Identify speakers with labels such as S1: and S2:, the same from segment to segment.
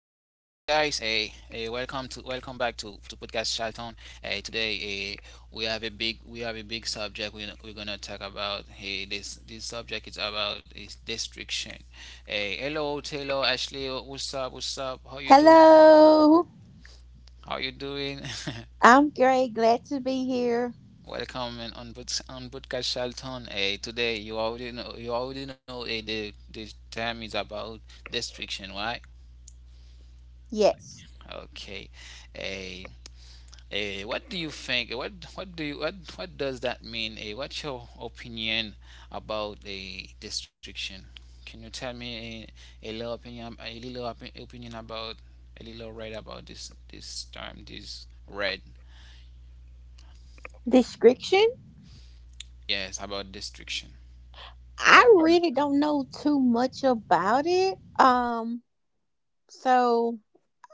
S1: Welcome to welcome back to podcast Charlton. Today we have a big we have a big subject we're gonna talk about. This subject is about is destruction. Hey, hello Taylor, Ashley. What's up? What's up? How you doing?
S2: Hello,
S1: How you doing?
S2: I'm Gray. Glad to be here.
S1: Welcome and on on podcast Charlton. Today, you already know, the time is about destruction. Why?
S2: Yes,
S1: Okay. Eh, what do you think? What do you what does that mean? What's your opinion about a restriction? Can you tell me a little opinion, a little opinion about a little read about this term, this red?
S2: description.
S1: Yes, about destruction.
S2: I
S1: What
S2: really
S1: does,
S2: don't know too much about it. So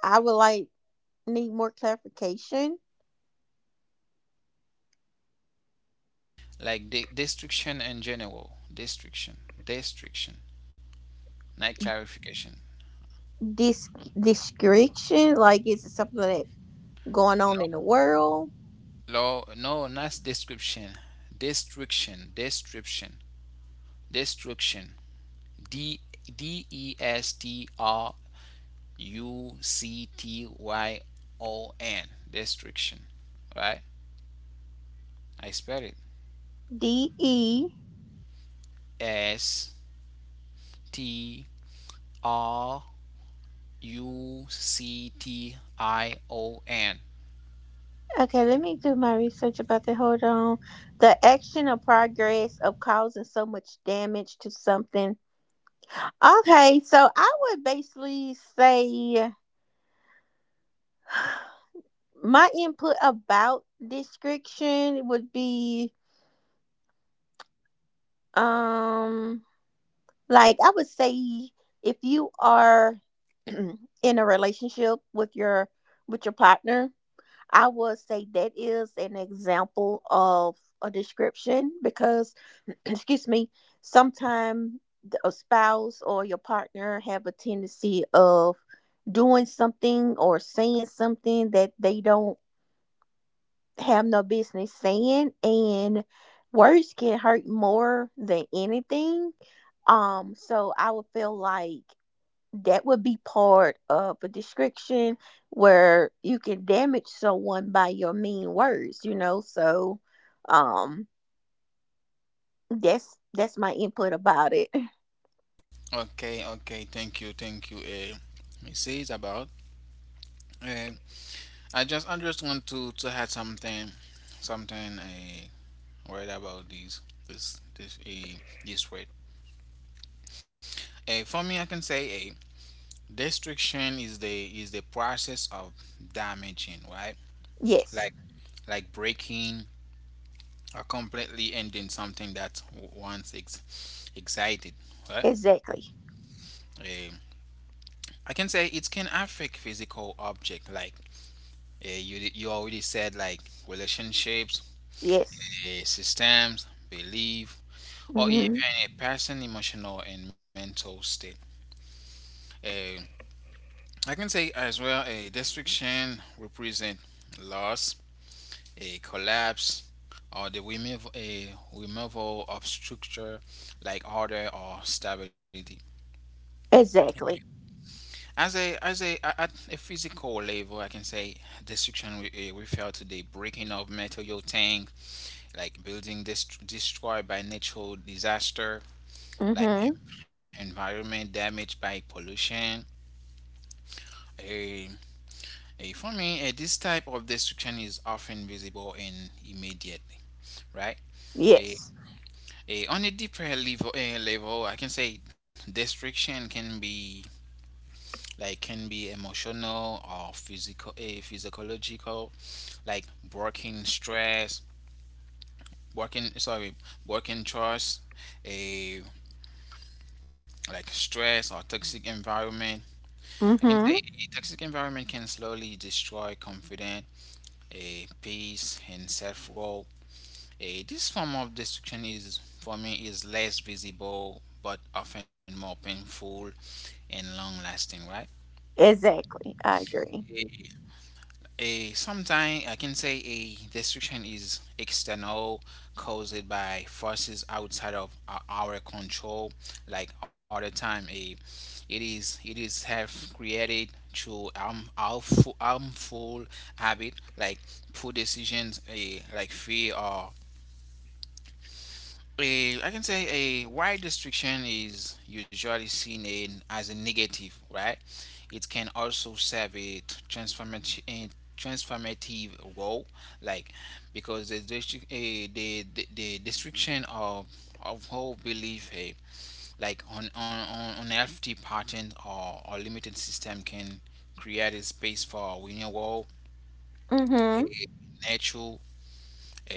S2: I would like need more clarification.
S1: like, destruction in general? Destruction. Not clarification.
S2: This description, like, is it something that going on
S1: No,
S2: in the world?
S1: no, not description. Destruction, description. Destruction. D. D E S T R U C T Y O N. Destruction, right? I spell it.
S2: D E.
S1: S. T. R. U C T I O N.
S2: Okay, let me do my research about that. Hold on. The action or progress of causing so much damage to something. Okay, so I would basically say my input about description would be um like I would say if you are in a relationship with your partner. I would say that is an example of a description because, excuse me, sometimes a spouse or your partner have a tendency of doing something or saying something that they don't have no business saying, and words can hurt more than anything. So I would feel like that would be part of a description where you can damage someone by your mean words. um that's my input about it.
S1: Okay, okay. Thank you. Let me say it's about uh, I just want to add something, something uh, right, about this this uh, this word. For me, I can say a. Destruction is the process of damaging, right?
S2: Yes,
S1: Like like breaking or completely ending something that once excited, right?
S2: exactly.
S1: Um, I can say it can affect physical object, like, you, you already said, like, relationships,
S2: Yes.
S1: systems, belief, or
S2: Hmm.
S1: even a person emotional and mental state. Uh, I can say as well, a destruction represent loss, a collapse, or the a removal of structure, like order or stability.
S2: Exactly.
S1: As a, at a physical level, I can say destruction refer to the breaking of material tank, like building destroyed by natural disaster, like
S2: Hmm.
S1: environment damaged by pollution. A, a For me, this type of destruction is often visible and immediate, right? Eh,
S2: Yes.
S1: On a deeper level, level, I can say destruction can be, like, can be emotional or physical, physiological, like working stress, working, sorry, working trust, a, like stress or toxic environment. I can say
S2: Hmm.
S1: a toxic environment can slowly destroy confidence, a peace, and self. Eh, this form of destruction is, for me, is less visible but often more painful and long-lasting, right?
S2: Exactly, I agree.
S1: A, sometimes I can say a destruction is external, caused by forces outside of our control. Like other time, a, it is, have created through harm, harmful habit, like poor decisions, a, like fear or a. I can say a wide restriction is usually seen in, as a negative, right? It can also serve a transformative transformative role, like, because the the restriction of whole belief, like on unhealthy pattern, or limited system can create a space for renewal,
S2: Hmm.
S1: a natural,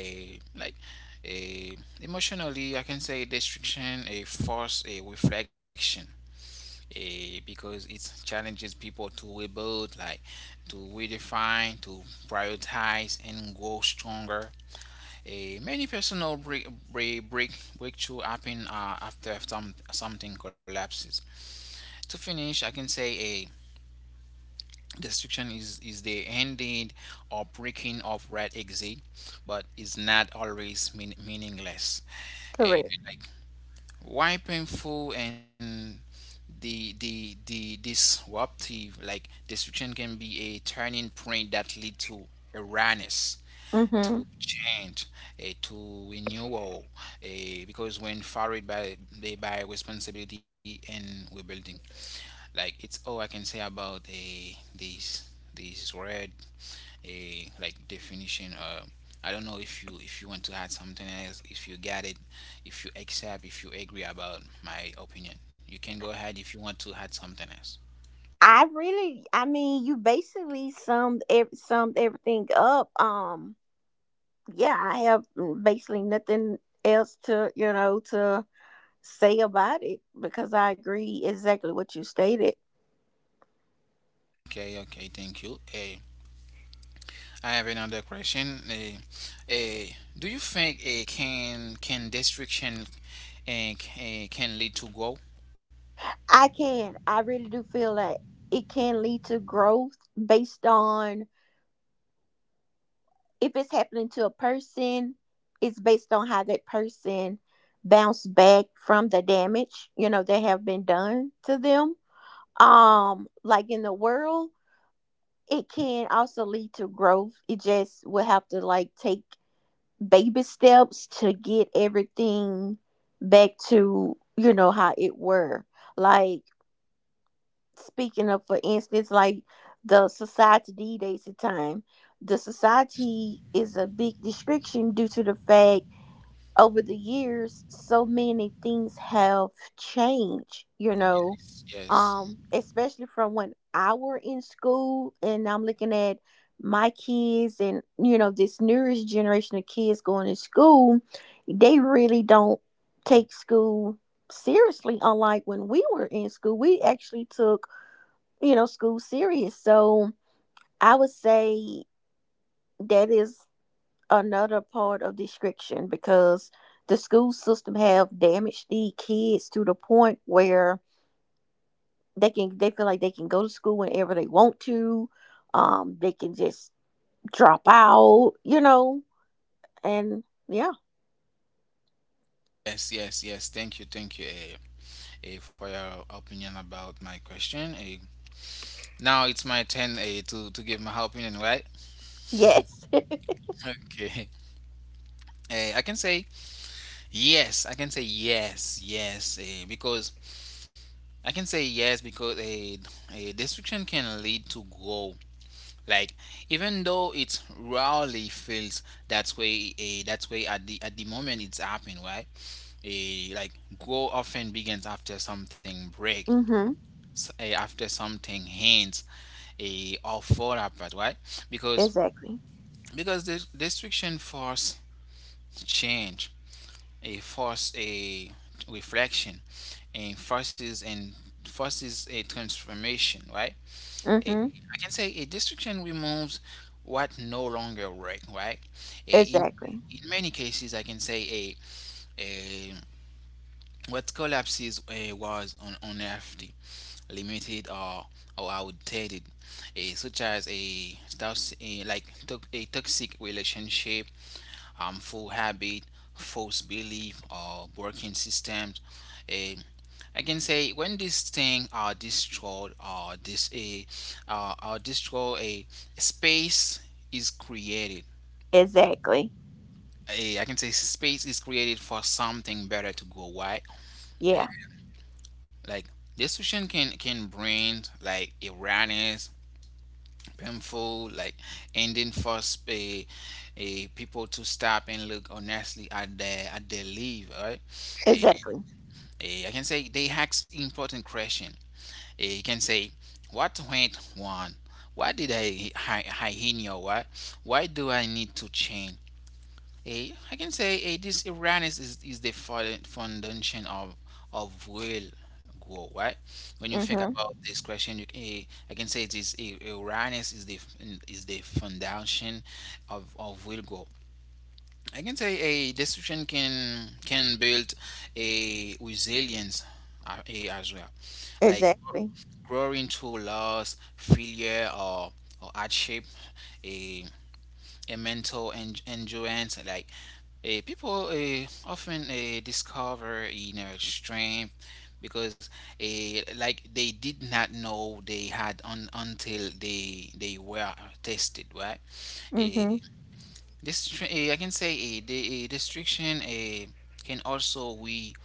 S1: a, like, a, emotionally, I can say destruction, a force, a reflection, a, because it challenges people to rebuild, like to redefine, to prioritize, and grow stronger. A many personal breakthrough happen after something collapses. To finish, I can say a destruction is the ending or breaking of red exit, but it's not always mean, meaningless.
S2: Correct.
S1: Eh, like, why painful and the disruptive, like destruction can be a turning point that lead to awareness,
S2: Mm-hmm.
S1: to change, to renewal, because when followed by responsibility and rebuilding, like, it's all I can say about a this word, a, like definition. I don't know if you, if you want to add something else, if you get it, if you accept, if you agree about my opinion, you can go ahead if you want to add something else.
S2: I mean, you basically summed everything up. Yeah, I have mm, basically nothing else to to say about it because I agree exactly what you stated.
S1: Okay, okay, thank you. Eh, I have another question. Eh, do you think a can destruction and can lead to growth?
S2: I can, I really do feel that it can lead to growth based on if it's happening to a person, it's based on how that person bounced back from the damage that have been done to them. Like in the world it can also lead to growth, it just will have to like take baby steps to get everything back to how it were. Like speaking of, for instance, like the society d days of time, the society is a big restriction due to the fact over the years so many things have changed, you know.
S1: Yes, yes.
S2: Especially from when I were in school and I'm looking at my kids, and you know this newest generation of kids going to school, they really don't take school seriously. Unlike when we were in school, we actually took, you know, school serious. So I would say that is another part of description because the school system have damaged the kids to the point where they feel like they can go to school whenever they want to. They can just drop out, you know. And yeah.
S1: Yes, yes, yes. Thank you for your opinion about my question. Now it's my turn, uh, to give my opinion, right?
S2: Yes.
S1: Okay. Eh, I can say yes. I can say yes, yes, because I can say yes because a destruction can lead to grow. Like, even though it rarely feels that way, that way at the moment it's happening, right? Eh, like, grow often begins after something break,
S2: Mm-hmm.
S1: after something ends, a, or fall apart. Why? Because
S2: Exactly.
S1: the destruction force change, a force, a reflection, and forces, and forces a transformation, right? A,
S2: Mm-hmm.
S1: I can say a destruction removes what no longer work, right? A,
S2: Exactly.
S1: in many cases, I can say a, what collapses, was on unhealthy, limited, or outdated, eh, such as a toxic, like, a toxic relationship, harmful habit, false belief, or broken systems. Eh, I can say when these things are destroyed, or this a, or destroy, a space is created.
S2: Exactly.
S1: Eh, I can say space is created for something better to go. Why?
S2: Yeah.
S1: Eh, like, this solution can bring, like, awareness, painful, like, ending, force a people to stop and look honestly at their leave, right? Eh,
S2: Exactly.
S1: eh, I can say they ask important question. Eh, you can say, what went wrong? Why did I in your, why do I need to change a? I can say a, this awareness is the foundation of will growth, right? When you think
S2: Mm-hmm.
S1: about this question, you, a, I can say this a, awareness is the foundation of will growth. I can say a decision can build a resilience, a, as well, like,
S2: Exactly.
S1: growing through loss, failure, or hardship, a, a mental endurance, like, people often discover inner strength because, like, they did not know they had until they were tested, right?
S2: Mm-hmm.
S1: Uh, this, I can say, the, destruction, can also we,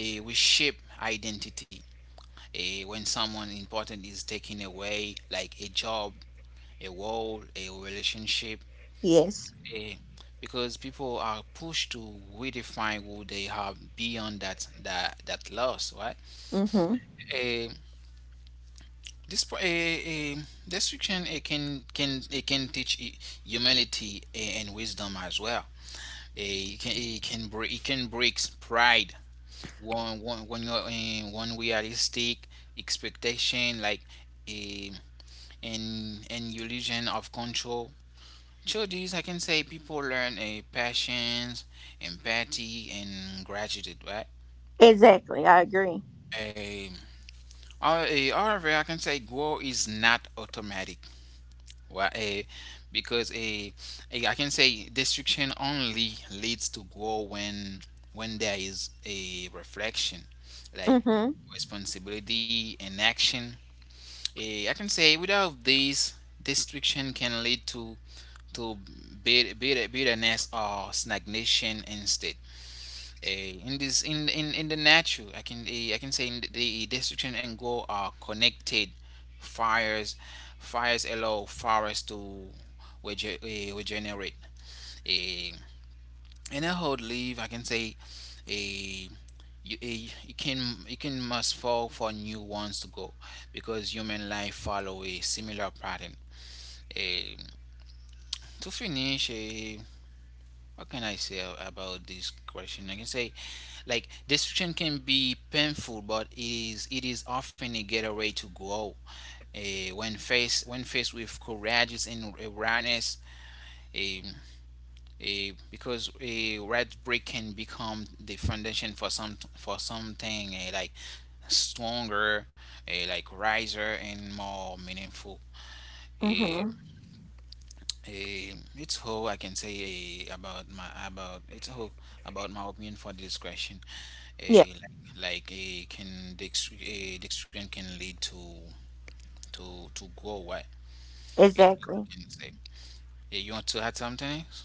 S1: we shape identity, when someone important is taken away, like a job, a role, a relationship,
S2: Yes.
S1: eh, because people are pushed to redefine who they have beyond that loss, right?
S2: Mm-hmm.
S1: Eh, this destruction, it can it can teach humility, and wisdom as well. It can break pride, one when you're in one realistic expectation, like, eh, an illusion of control. Through this, I can say people learn a patience, empathy, and gratitude, right?
S2: Exactly, I agree.
S1: A, however, I can say grow is not automatic, right? A, because a, I can say destruction only leads to grow when there is a reflection, like
S2: Mm-hmm.
S1: responsibility and action. Eh, I can say without this, destruction can lead to bitterness or stagnation instead. Eh, in this, in, in the natural, I can I can say in the destruction and go are connected. fires fires allow forests to regenerate, a, in a hot leaf, I can say a, you, you can, you can must fall for new ones to go, because human life follow a similar pattern. Eh, to finish, what can I say about this question? I can say, like, destruction can be painful, but it is, often a getaway to grow. Eh, when faced, with courageous and awareness, eh, because a red brick can become the foundation for some for something, like stronger, like riser and more meaningful.
S2: Mm-hmm.
S1: Eh, it's how I can say, about my, about, it's how about my opinion for this question.
S2: Yeah.
S1: Eh, like, can the the extreme can lead to to grow, what? It's what I
S2: Exactly.
S1: can say. Eh, you want to add something else?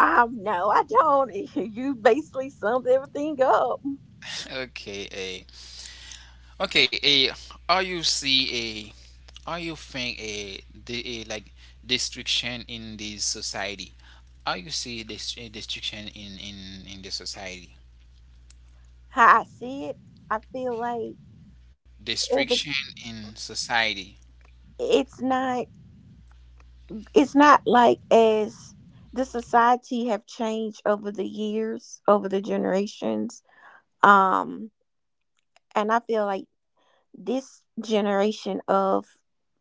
S2: No, I don't. You basically summed everything up.
S1: Okay. Eh, okay. Eh, are you see a, are you think a the, like destruction in this society? Are you see this, destruction in the society?
S2: How I see it, I feel like every.
S1: Destruction in society.
S2: It's not, it's not like as the society have changed over the years, over the generations. um and I feel like this generation of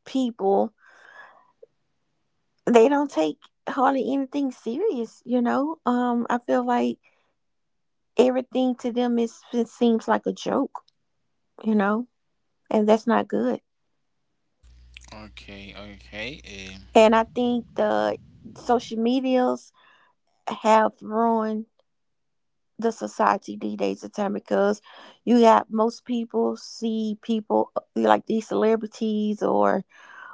S2: people, they don't take hardly anything serious, you know. I feel like everything to them is, it seems like a joke, you know. And that's not good.
S1: Okay, okay.
S2: And I think the social medias have ruined the society these days of time because you got most people see people like these celebrities or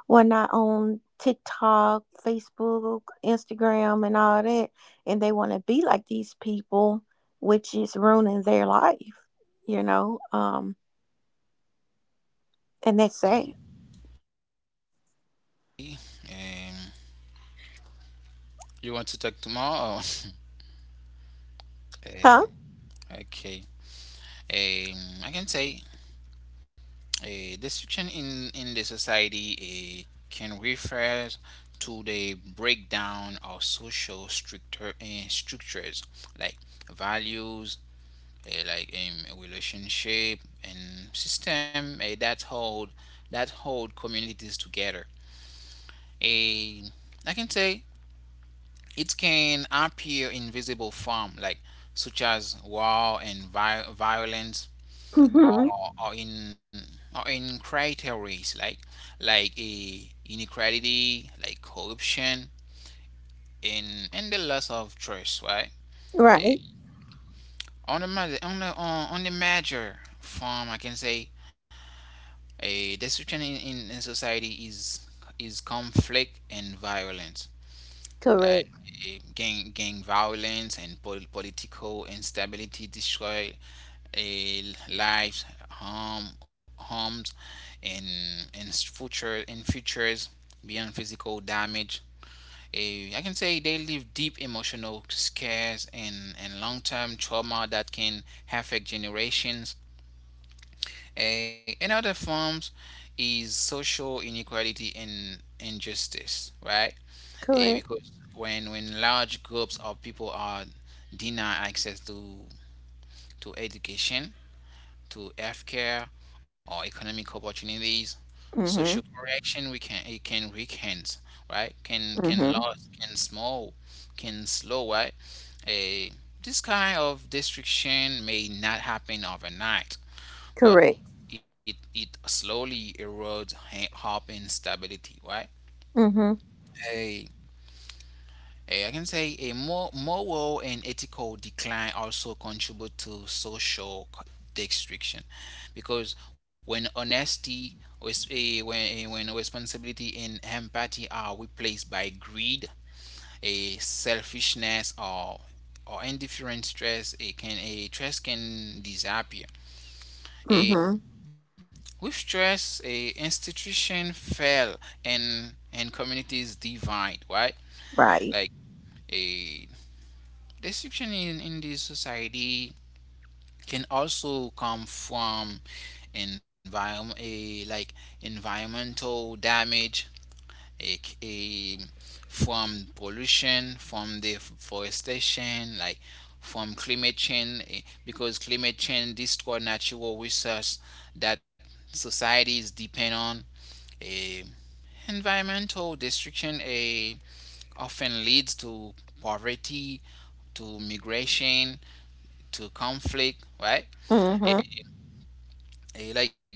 S2: whatnot on TikTok, Facebook, Instagram, and all that, and they want to be like these people, which is ruining their life, you know. And that's sad.
S1: Um, um, you want to talk tomorrow?
S2: Huh?
S1: Uh, okay. I can say a destruction in the society, can refer to the breakdown of social structures, like values, like, relationship and system, that hold, communities together. A, I can say, it can appear in visible form, like such as war and violence,
S2: Hmm.
S1: or in, criteria, like a, inequality, like corruption, and the loss of trust, right? Eh,
S2: Right.
S1: on the on the, on the major form, I can say a destruction in, in society is conflict and violence. Like,
S2: Correct.
S1: gang, violence and political instability destroy, eh, lives, harm homes, and and future and futures beyond physical damage. I can say they leave deep emotional scares and long term trauma that can affect generations. Another forms is social inequality and injustice, right?
S2: Correct.
S1: Because when large groups of people are denied access to education, to healthcare, or economic opportunities, social
S2: Mm-hmm.
S1: correction we can it can weaken, right? Can
S2: Mm-hmm.
S1: lose, can small, can slow, right? Eh, this kind of destruction may not happen overnight, but
S2: Correct.
S1: it slowly erodes hope and stability, right?
S2: Mm-hmm.
S1: Eh, I can say a more moral and ethical decline also contribute to social destruction, because when honesty, when responsibility and empathy are replaced by greed, a selfishness, or indifferent stress, it can a stress can disappear.
S2: Mm-hmm.
S1: A with stress, a institution fail and communities divide, right?
S2: Right.
S1: Like a Description in this society can also come from environment, a, like environmental damage, a, from pollution, from deforestation, like from climate change, because climate change destroy natural resources that societies depend on. Eh, Environmental destruction often leads to poverty, to migration, to conflict, right?
S2: Mm-hmm.
S1: It, like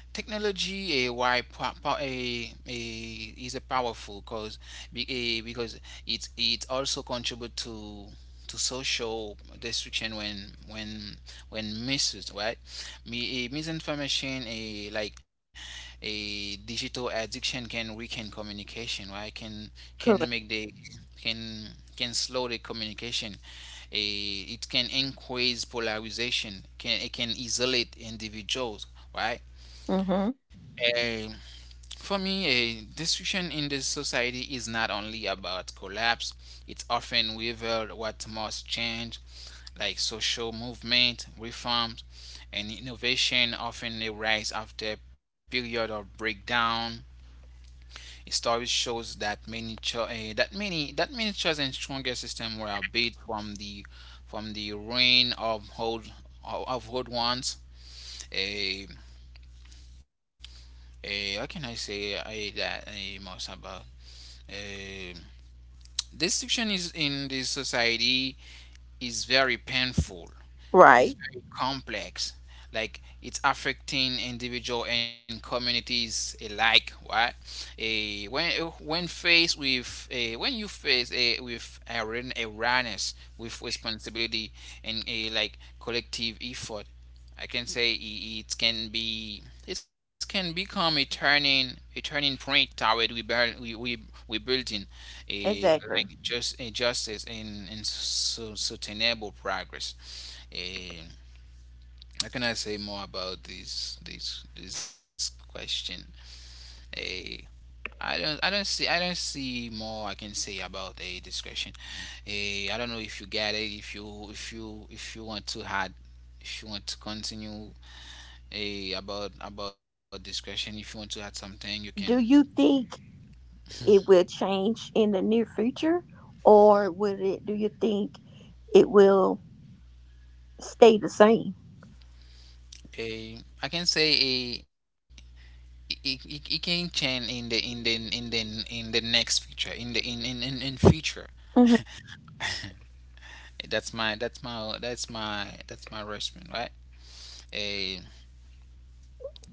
S1: technology a why power a is a powerful cause be, because it also contribute to social destruction when when misuse right Me, a misinformation a like a digital addiction can weaken communication right can
S2: Correct.
S1: make the can can slow the communication a, it can increase polarization can it can isolate individuals right?
S2: Mm-hmm.
S1: Eh, for me, a destruction in the society is not only about collapse, it's often revealed what must change, like social movement, reforms, and innovation often arise after a period of breakdown. History shows that many choices and stronger systems were built from the ruin of old ones. How can I say I, that most about? Eh, Distinction is in this society is very painful.
S2: Right.
S1: It's very complex. Like it's affecting individual and communities alike. Why? A when faced with a when you face a with an awareness with responsibility and a like collective effort I can say it can be it can become a turning point toward rebuild we rebuilding a
S2: Exactly.
S1: like just a justice and so sustainable progress Eh, how can I say more about this question I don't see more I can say about a discretion. I don't know if you get it if you want to add if you want to continue a about discretion if you want to add something you can
S2: Do you think it will change in the near future, or would it? Do you think it will stay the same?
S1: a I can say a it can change in the next future in the in future
S2: Mhm.
S1: that's my response right a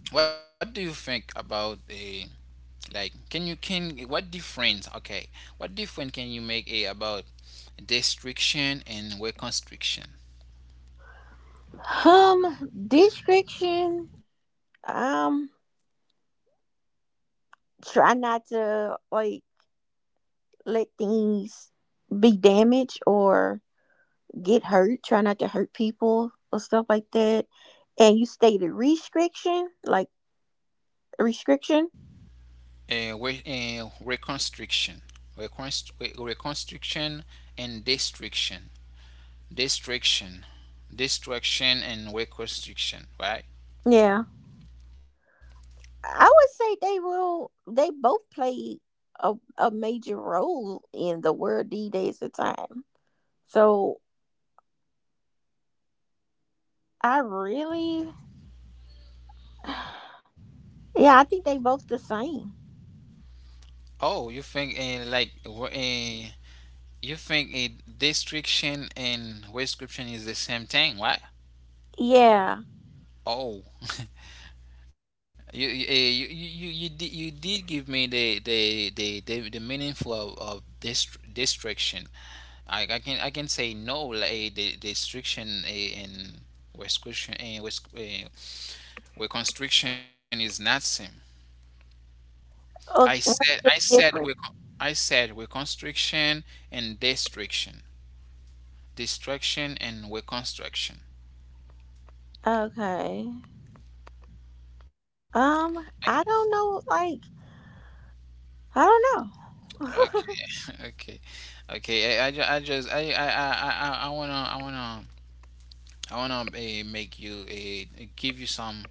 S1: what do you think about a like can you can what difference okay what difference can you make about destruction and reconstruction
S2: Description. Um, try not to like let things be damaged or get hurt. Try not to hurt people or stuff like that. And you stated restriction, like restriction.
S1: reconstruction reconstruction and destruction destruction destruction and reconstruction right
S2: Yeah, I would say they will. They both play a major role in the world these days of time. So I really, yeah, I think they both the same.
S1: oh you think you think a destruction and reconstruction is the same thing right
S2: Yeah.
S1: oh You you did give me the the meaning for of distraction. I can say no like the restriction eh, and restriction eh, res- eh, where constriction is not same.
S2: Oh, what's
S1: I
S2: the
S1: said where
S2: difference?
S1: con- I said where constriction and destruction, destruction and where construction.
S2: Okay. Um, I don't know. Like, I don't know.
S1: Okay, okay, okay. I, ju- I just I wanna I wanna I wanna make you give you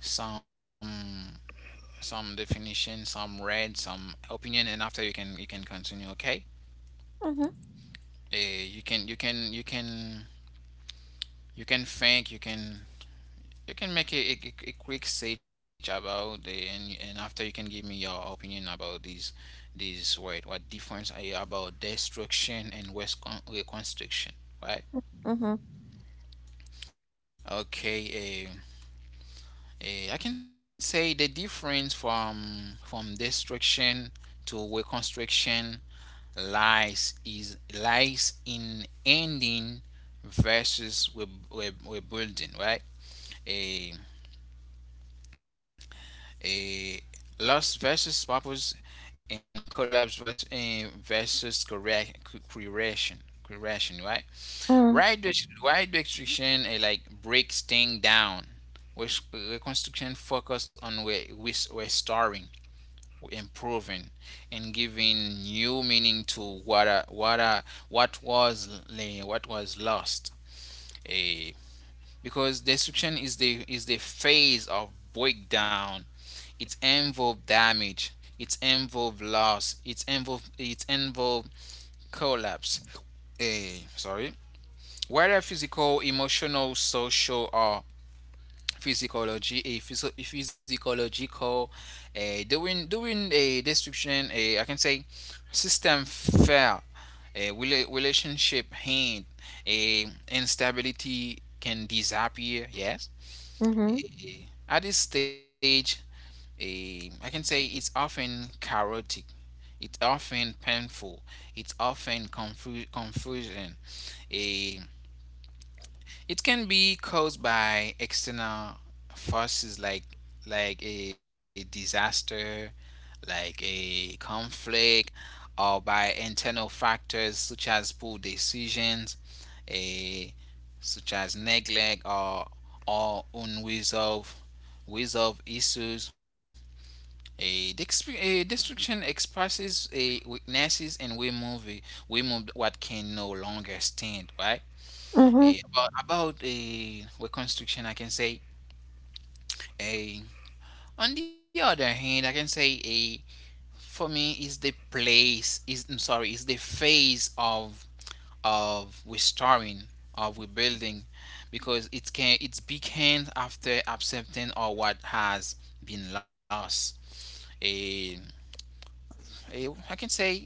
S1: some some definition, some read, some opinion, and after you can continue. Okay? Uh, you can you can you can you can think you can make a quick search about the and after you can give me your opinion about these word what difference are you about destruction and waste reconstruction right
S2: Mhm. Mhm.
S1: okay I can say the difference from destruction to reconstruction lies in ending versus rebuilding, right? A a loss versus purpose and collapse versus eh, versus correct creation right right destruction like breaks thing down which reconstruction focus on restoring improving and giving new meaning to what what was lost. Eh, because destruction is the phase of breakdown it involve damage it involve loss it involve collapse. Sorry whether physical emotional social or physiological during a description a I can say system fail a relationship hand a instability can disappear yes.
S2: Mhm.
S1: At this stage a I can say it's often chaotic it's often painful it's often confusion a it can be caused by external forces like a disaster, like a conflict, or by internal factors such as poor decisions, a such as neglect or unresolved resolved issues. A, a destruction expresses a weaknesses and we move what can no longer stand right
S2: Mhm.
S1: A about a reconstruction I can say A. On the other hand, I can say A for me is the place is I'm sorry is the phase of restoring of rebuilding because it can it's began after accepting or what has been lost. A, a I can say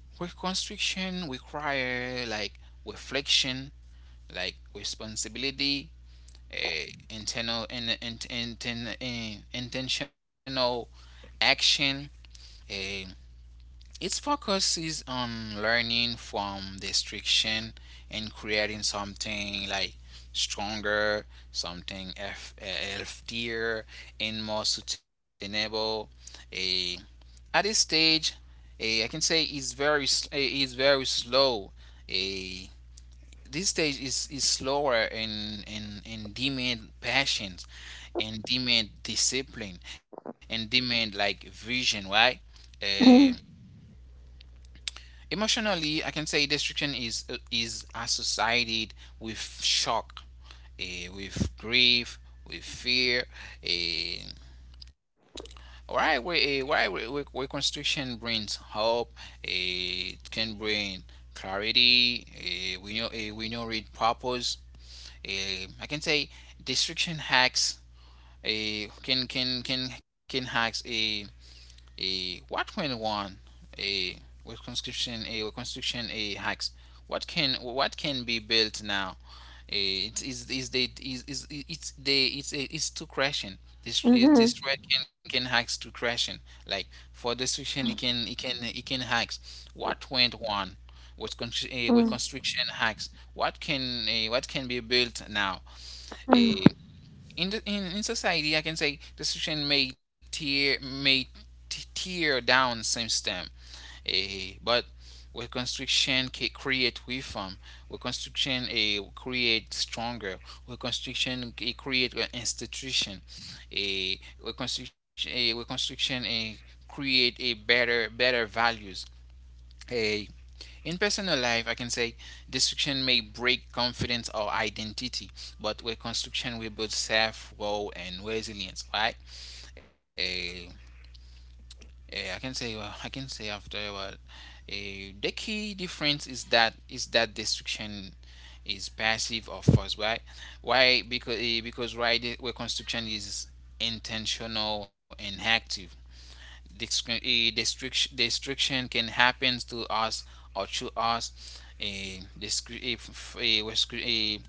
S1: reconstruction require like reflection, like responsibility, a internal and intentional action. uh, Its focus is on learning from destruction and creating something like stronger, something healthier, and more sustainable. A at this stage, a I can say is very is very slow. A this stage is slower and demand patience and demand discipline and demand like vision, right?
S2: Mhm.
S1: Emotionally, I can say destruction is associated with shock, with grief, with fear. eh, why we we construction brings hope. It can bring clarity. We know we know read purpose. I can say destruction hacks. Can hacks. A what when one a with conscription a with constitution a hacks what can be built now. It is they is it's too crashing this
S2: Mhm.
S1: this thread can hacks to crashing like for destruction it can hacks what went on. What
S2: Mhm.
S1: with constriction hacks what can what can be built now.
S2: Mhm.
S1: A in the in society I can say restriction may tear down system but with constriction create reform with constriction create stronger with constriction create an institution. Eh, with constriction create a better better values a in personal life, I can say destruction may break confidence or identity, but reconstruction will build self growth and resilience, right? Eh, I can say, well, I can say after well, the key difference is that destruction is passive or forced, right? Why? Because right, the reconstruction is intentional and active. Discri- eh, Destruction can happen to us or to us. A, discri- a,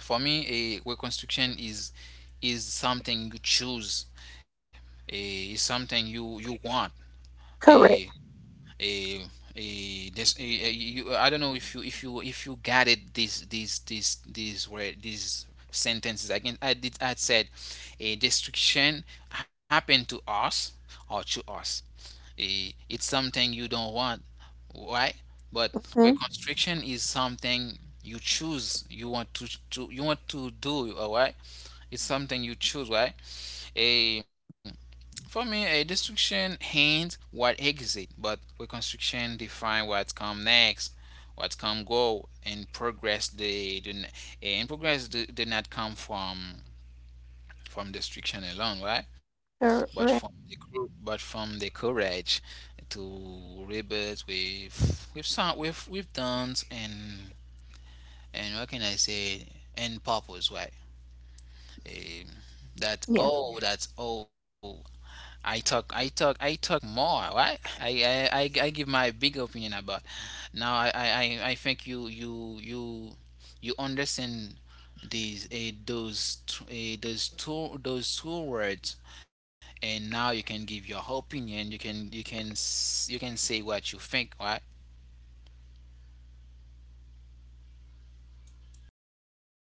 S1: for me, a reconstruction is something you choose. A, is something you want. A
S2: Correct.
S1: a a you, I don't know if you got it this word these sentences again I did I said a destruction happened to us or to us, it's something you don't want, right? But
S2: Mhm.
S1: reconstruction is something you choose. You want to you want to do, all right? It's something you choose, right? A for me, a destruction hints what exit, but reconstruction define what come next, what come go, and progress. And progress do not come from destruction alone, right? But from the
S2: Correct.
S1: group, but from the courage to rebels with we've sung we've dance and what can I say and purpose right um, that
S2: Yeah.
S1: oh that oh I talk more right I give my big opinion about now I think you you understand these those those two words and now you can give your opinion you can you can say what you think right